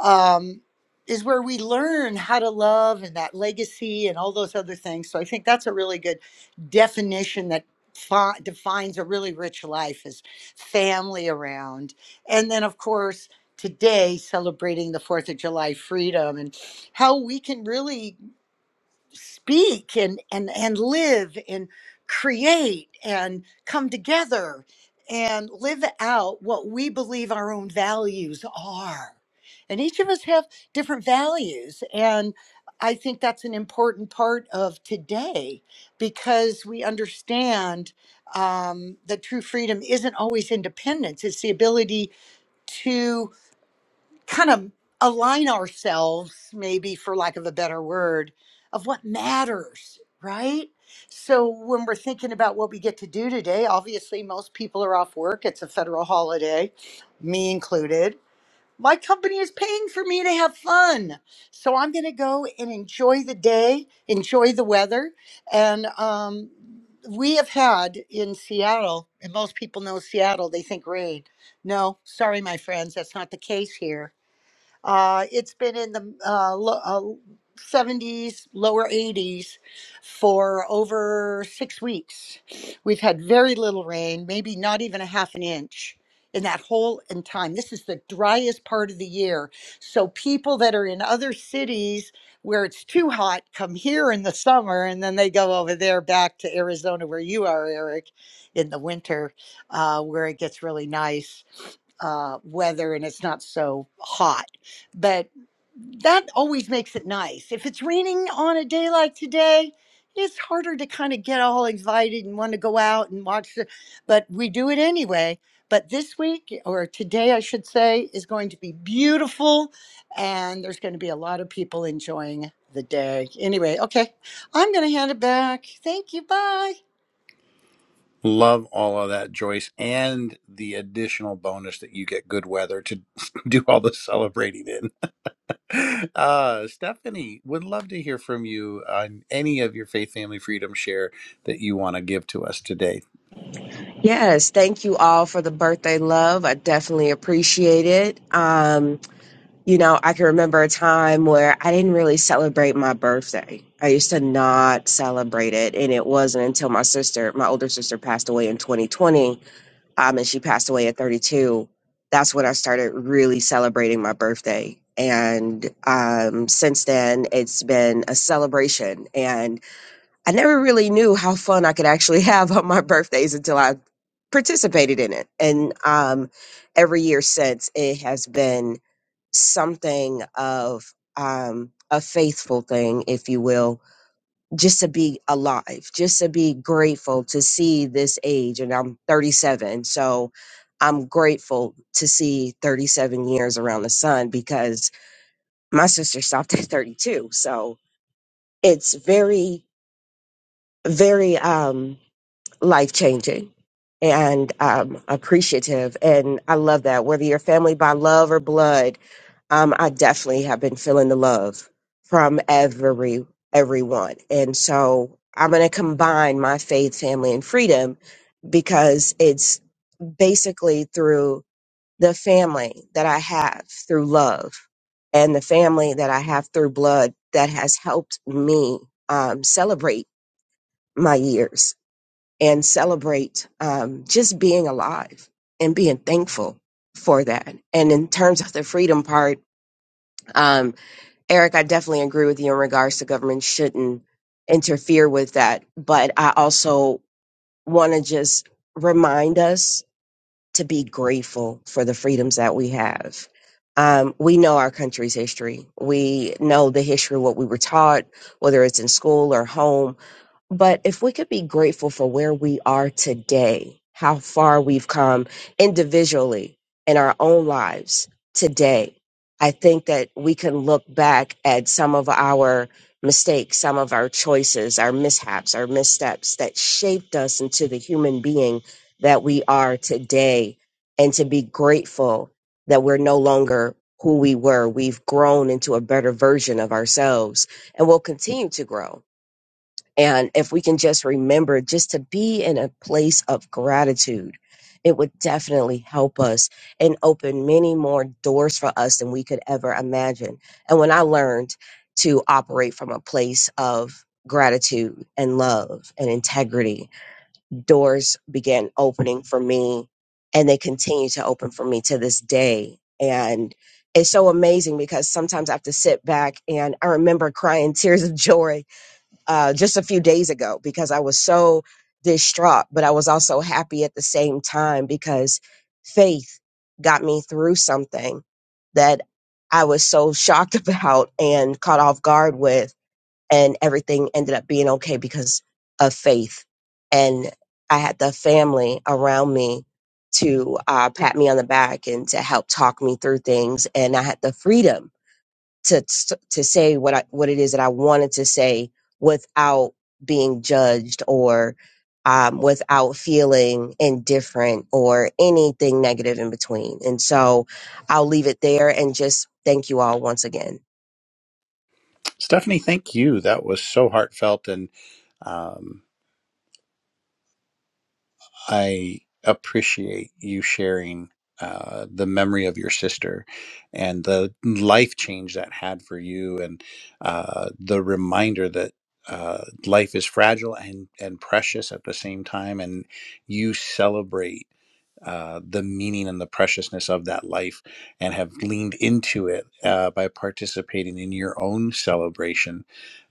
S5: um, is where we learn how to love and that legacy and all those other things. So I think that's a really good definition that fi- defines a really rich life is family around. And then, of course, today celebrating the Fourth of July freedom and how we can really speak and and and live and create and come together and live out what we believe our own values are and each of us have different values and i think that's an important part of today because we understand um, that true freedom isn't always independence it's the ability to kind of align ourselves, maybe for lack of a better word, of what matters, right? So when we're thinking about what we get to do today, obviously most people are off work. It's a federal holiday, me included. My company is paying for me to have fun. So I'm going to go and enjoy the day, enjoy the weather. And um, we have had in Seattle, and most people know Seattle, they think rain. No, sorry, my friends, that's not the case here uh, it's been in the uh, lo- uh, 70s, lower 80s for over six weeks. We've had very little rain, maybe not even a half an inch in that whole in time. This is the driest part of the year. So people that are in other cities where it's too hot come here in the summer and then they go over there back to Arizona where you are, Eric, in the winter uh, where it gets really nice uh, weather and it's not so hot but that always makes it nice. If it's raining on a day like today, it's harder to kind of get all excited and want to go out and watch the, but we do it anyway. But this week, or today, I should say, is going to be beautiful and there's going to be a lot of people enjoying the day. Anyway, okay, I'm going to hand it back. Thank you. Bye.
S1: Love all of that, Joyce, and the additional bonus that you get good weather to do all the celebrating in. Uh, Stephanie, would love to hear from you on any of your faith, family, freedom share that you want to give to us today.
S6: Yes, thank you all for the birthday love. I definitely appreciate it. Um, you know, I can remember a time where I didn't really celebrate my birthday. I used to not celebrate it, and it wasn't until my sister, my older sister, passed away in 2020 um, and she passed away at 32, that's when I started really celebrating my birthday. And um, since then, it's been a celebration. And I never really knew how fun I could actually have on my birthdays until I participated in it. And um, every year since, it has been something of um, a faithful thing, if you will just to be alive, just to be grateful to see this age. And I'm 37. So I'm grateful to see 37 years around the sun because my sister stopped at 32. So it's very, very, um, life changing and um, appreciative. And I love that. Whether you're family by love or blood, um, I definitely have been feeling the love from every everyone. And so I'm going to combine my faith, family, and freedom because it's basically through the family that I have through love and the family that I have through blood that has helped me um, celebrate my years and celebrate um, just being alive and being thankful for that. And in terms of the freedom part, um, Eric, I definitely agree with you in regards to government shouldn't interfere with that. But I also want to just remind us to be grateful for the freedoms that we have. Um, we know our country's history. We know the history of what we were taught, whether it's in school or home but if we could be grateful for where we are today, how far we've come individually in our own lives today, I think that we can look back at some of our mistakes, some of our choices, our mishaps, our missteps that shaped us into the human being that we are today, and to be grateful that we're no longer who we were. We've grown into a better version of ourselves and will continue to grow and if we can just remember just to be in a place of gratitude, it would definitely help us and open many more doors for us than we could ever imagine. And when I learned to operate from a place of gratitude and love and integrity, doors began opening for me and they continue to open for me to this day. And it's so amazing because sometimes I have to sit back and I remember crying tears of joy uh, just a few days ago because I was so distraught, but I was also happy at the same time because faith got me through something that I was so shocked about and caught off guard with. And everything ended up being okay because of faith. And I had the family around me to uh, pat me on the back and to help talk me through things. And I had the freedom to to say what I what it is that I wanted to say without being judged or um, without feeling indifferent or anything negative in between. And so I'll leave it there and just thank you all once again.
S1: Stephanie, thank you. That was so heartfelt and. um, I appreciate you sharing uh, the memory of your sister and the life change that had for you, and uh, the reminder that uh, life is fragile and, and precious at the same time. And you celebrate uh, the meaning and the preciousness of that life and have leaned into it uh, by participating in your own celebration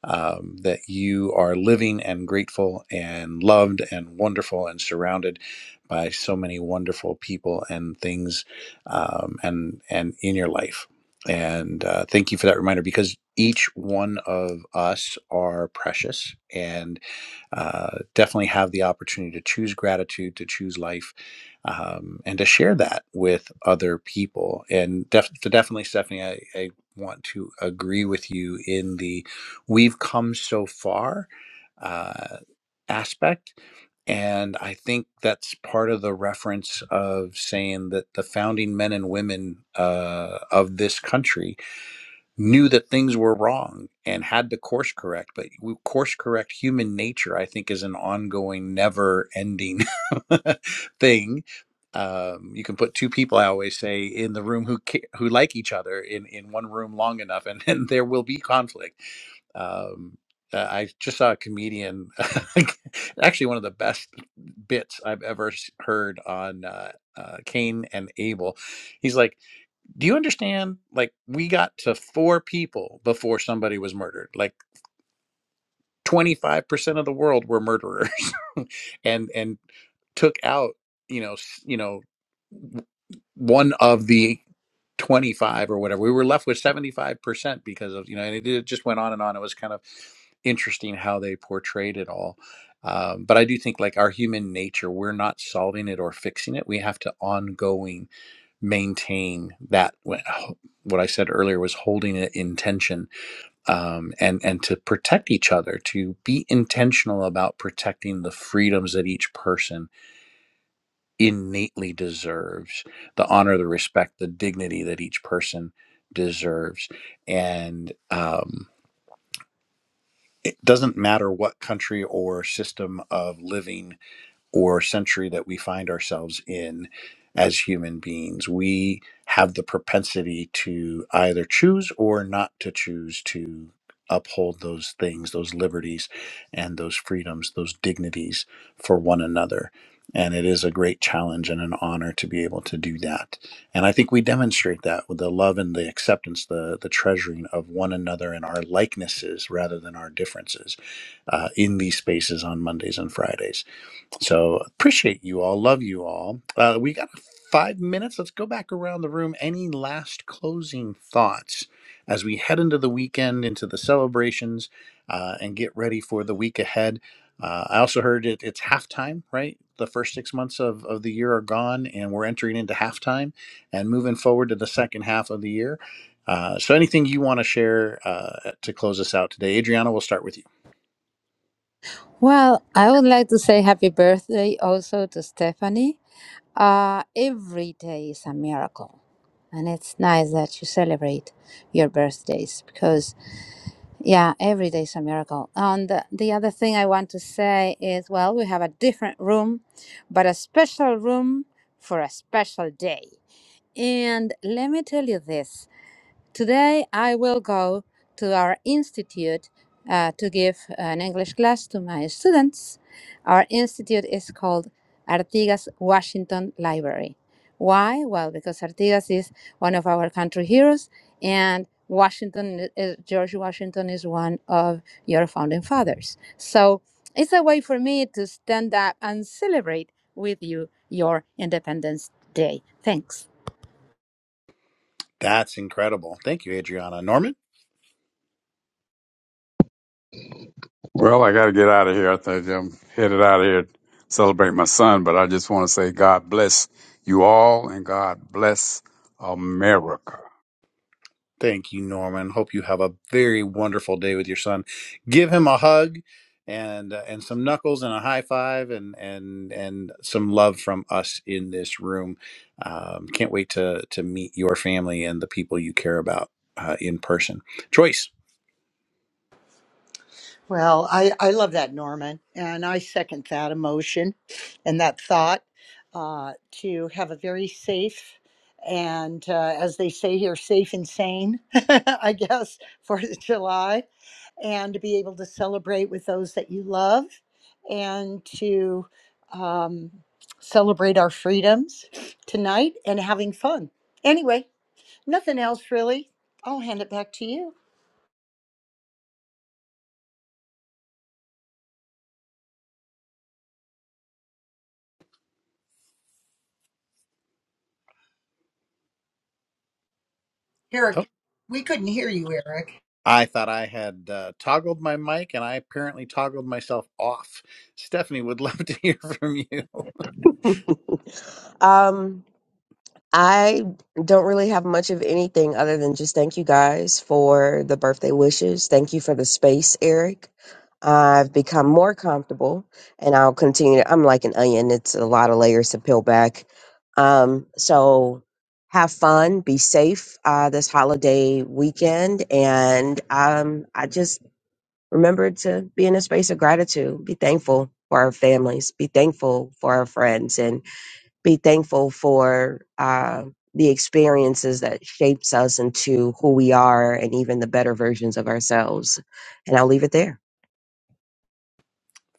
S1: um, that you are living and grateful and loved and wonderful and surrounded by so many wonderful people and things um, and and in your life. And uh, thank you for that reminder because each one of us are precious and uh, definitely have the opportunity to choose gratitude, to choose life, um, and to share that with other people. And def- so definitely, Stephanie, I, I want to agree with you in the we've come so far uh, aspect. And I think that's part of the reference of saying that the founding men and women uh, of this country knew that things were wrong and had to course correct. But we course correct human nature, I think, is an ongoing, never ending thing. Um, you can put two people, I always say, in the room who ca- who like each other in, in one room long enough, and, and there will be conflict um, uh, I just saw a comedian, actually one of the best bits I've ever s- heard on uh, uh, Cain and Abel. He's like, "Do you understand? Like, we got to four people before somebody was murdered. Like, twenty five percent of the world were murderers, and and took out." You know, s- you know, one of the 25 or whatever. We were left with 75% because of, you know, and it, it just went on and on. It was kind of interesting how they portrayed it all. Um, but I do think like our human nature, we're not solving it or fixing it. We have to ongoing maintain that. What what I said earlier was holding it in tension um, and, and to protect each other, to be intentional about protecting the freedoms that each person innately deserves the honor, the respect, the dignity that each person deserves. And um, it doesn't matter what country or system of living or century that we find ourselves in as human beings. We have the propensity to either choose or not to choose to uphold those things, those liberties, and those freedoms, those dignities for one another. And it is a great challenge and an honor to be able to do that. And I think we demonstrate that with the love and the acceptance, the, the treasuring of one another and our likenesses rather than our differences uh, in these spaces on Mondays and Fridays. So appreciate you all. Love you all. Uh, we got five minutes. Let's go back around the room. Any last closing thoughts as we head into the weekend, into the celebrations, uh, and get ready for the week ahead? Uh, I also heard it, it's halftime, right? The first six months of, of the year are gone, and we're entering into halftime and moving forward to the second half of the year. Uh, so, anything you want to share uh, to close us out today? Adriana, we'll start with you.
S2: Well, I would like to say happy birthday also to Stephanie. Uh, every day is a miracle. And it's nice that you celebrate your birthdays because, yeah, every day is a miracle. And the, the other thing I want to say is well, we have a different room, but a special room for a special day. And let me tell you this Today, I will go to our institute uh, to give an English class to my students. Our institute is called Artigas Washington Library. Why? Well, because Artigas is one of our country heroes, and Washington, is, George Washington, is one of your founding fathers. So it's a way for me to stand up and celebrate with you your Independence Day. Thanks.
S1: That's incredible. Thank you, Adriana. Norman?
S3: Well, I got to get out of here. I think I'm headed out of here to celebrate my son, but I just want to say God bless you all and God bless America.
S1: Thank you, Norman. Hope you have a very wonderful day with your son. Give him a hug and uh, and some knuckles and a high five and and and some love from us in this room. Um, can't wait to to meet your family and the people you care about uh, in person. Joyce.
S5: Well, I, I love that, Norman. And I second that emotion and that thought uh, to have a very safe and, uh, as they say here, safe and sane, I guess, for the July, and to be able to celebrate with those that you love and to um, celebrate our freedoms tonight and having fun. Anyway, nothing else really. I'll hand it back to you. Eric, we couldn't hear you, Eric.
S1: I thought I had uh, toggled my mic and I apparently toggled myself off. Stephanie would love to hear from you.
S6: Um, I don't really have much of anything other than just thank you guys for the birthday wishes. Thank you for the space, Eric. I've become more comfortable and I'll continue. I'm like an onion, it's a lot of layers to peel back. Um, so have fun, be safe uh, this holiday weekend. And um, I just remember to be in a space of gratitude, be thankful for our families, be thankful for our friends, and be thankful for uh, the experiences that shapes us into who we are and even the better versions of ourselves. And I'll leave it there.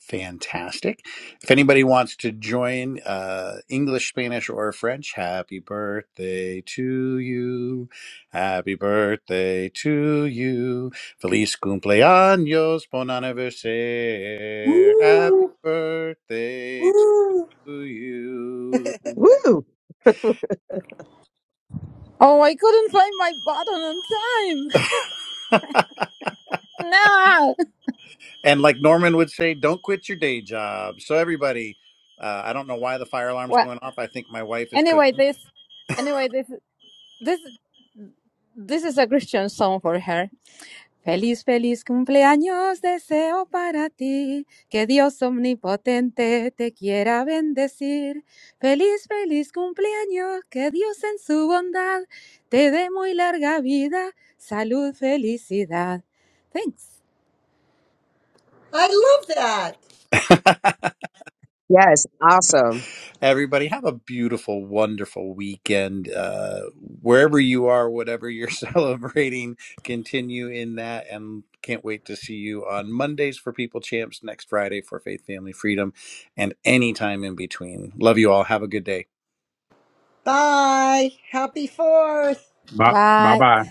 S1: Fantastic. If anybody wants to join uh, English, Spanish, or French, happy birthday to you. Happy birthday to you. Feliz cumpleaños, bon anniversaire. Happy
S5: Ooh,
S1: birthday
S5: ooh.
S1: to you.
S2: Oh, I couldn't find my button on time. no.
S1: and like Norman would say, don't quit your day job. So, everybody, uh, I don't know why the fire alarm's
S2: Well,
S1: going off. I think my wife is
S2: anyway,
S1: cooking.
S2: this, anyway, this, this, this is a Christian song for her. Feliz, feliz cumpleaños, deseo para ti, que Dios omnipotente te quiera bendecir. Feliz, feliz cumpleaños, que Dios en su bondad te dé muy larga vida, salud, felicidad. Thanks.
S5: I love that.
S6: Yes, awesome.
S1: Everybody, have a beautiful, wonderful weekend. Uh, wherever you are, whatever you're celebrating, continue in that. And can't wait to see you on Mondays for People Champs, next Friday for Faith, Family, Freedom, and any time in between. Love you all. Have a good day.
S5: Bye. Happy 4th.
S3: Bye
S2: Bye.
S3: bye.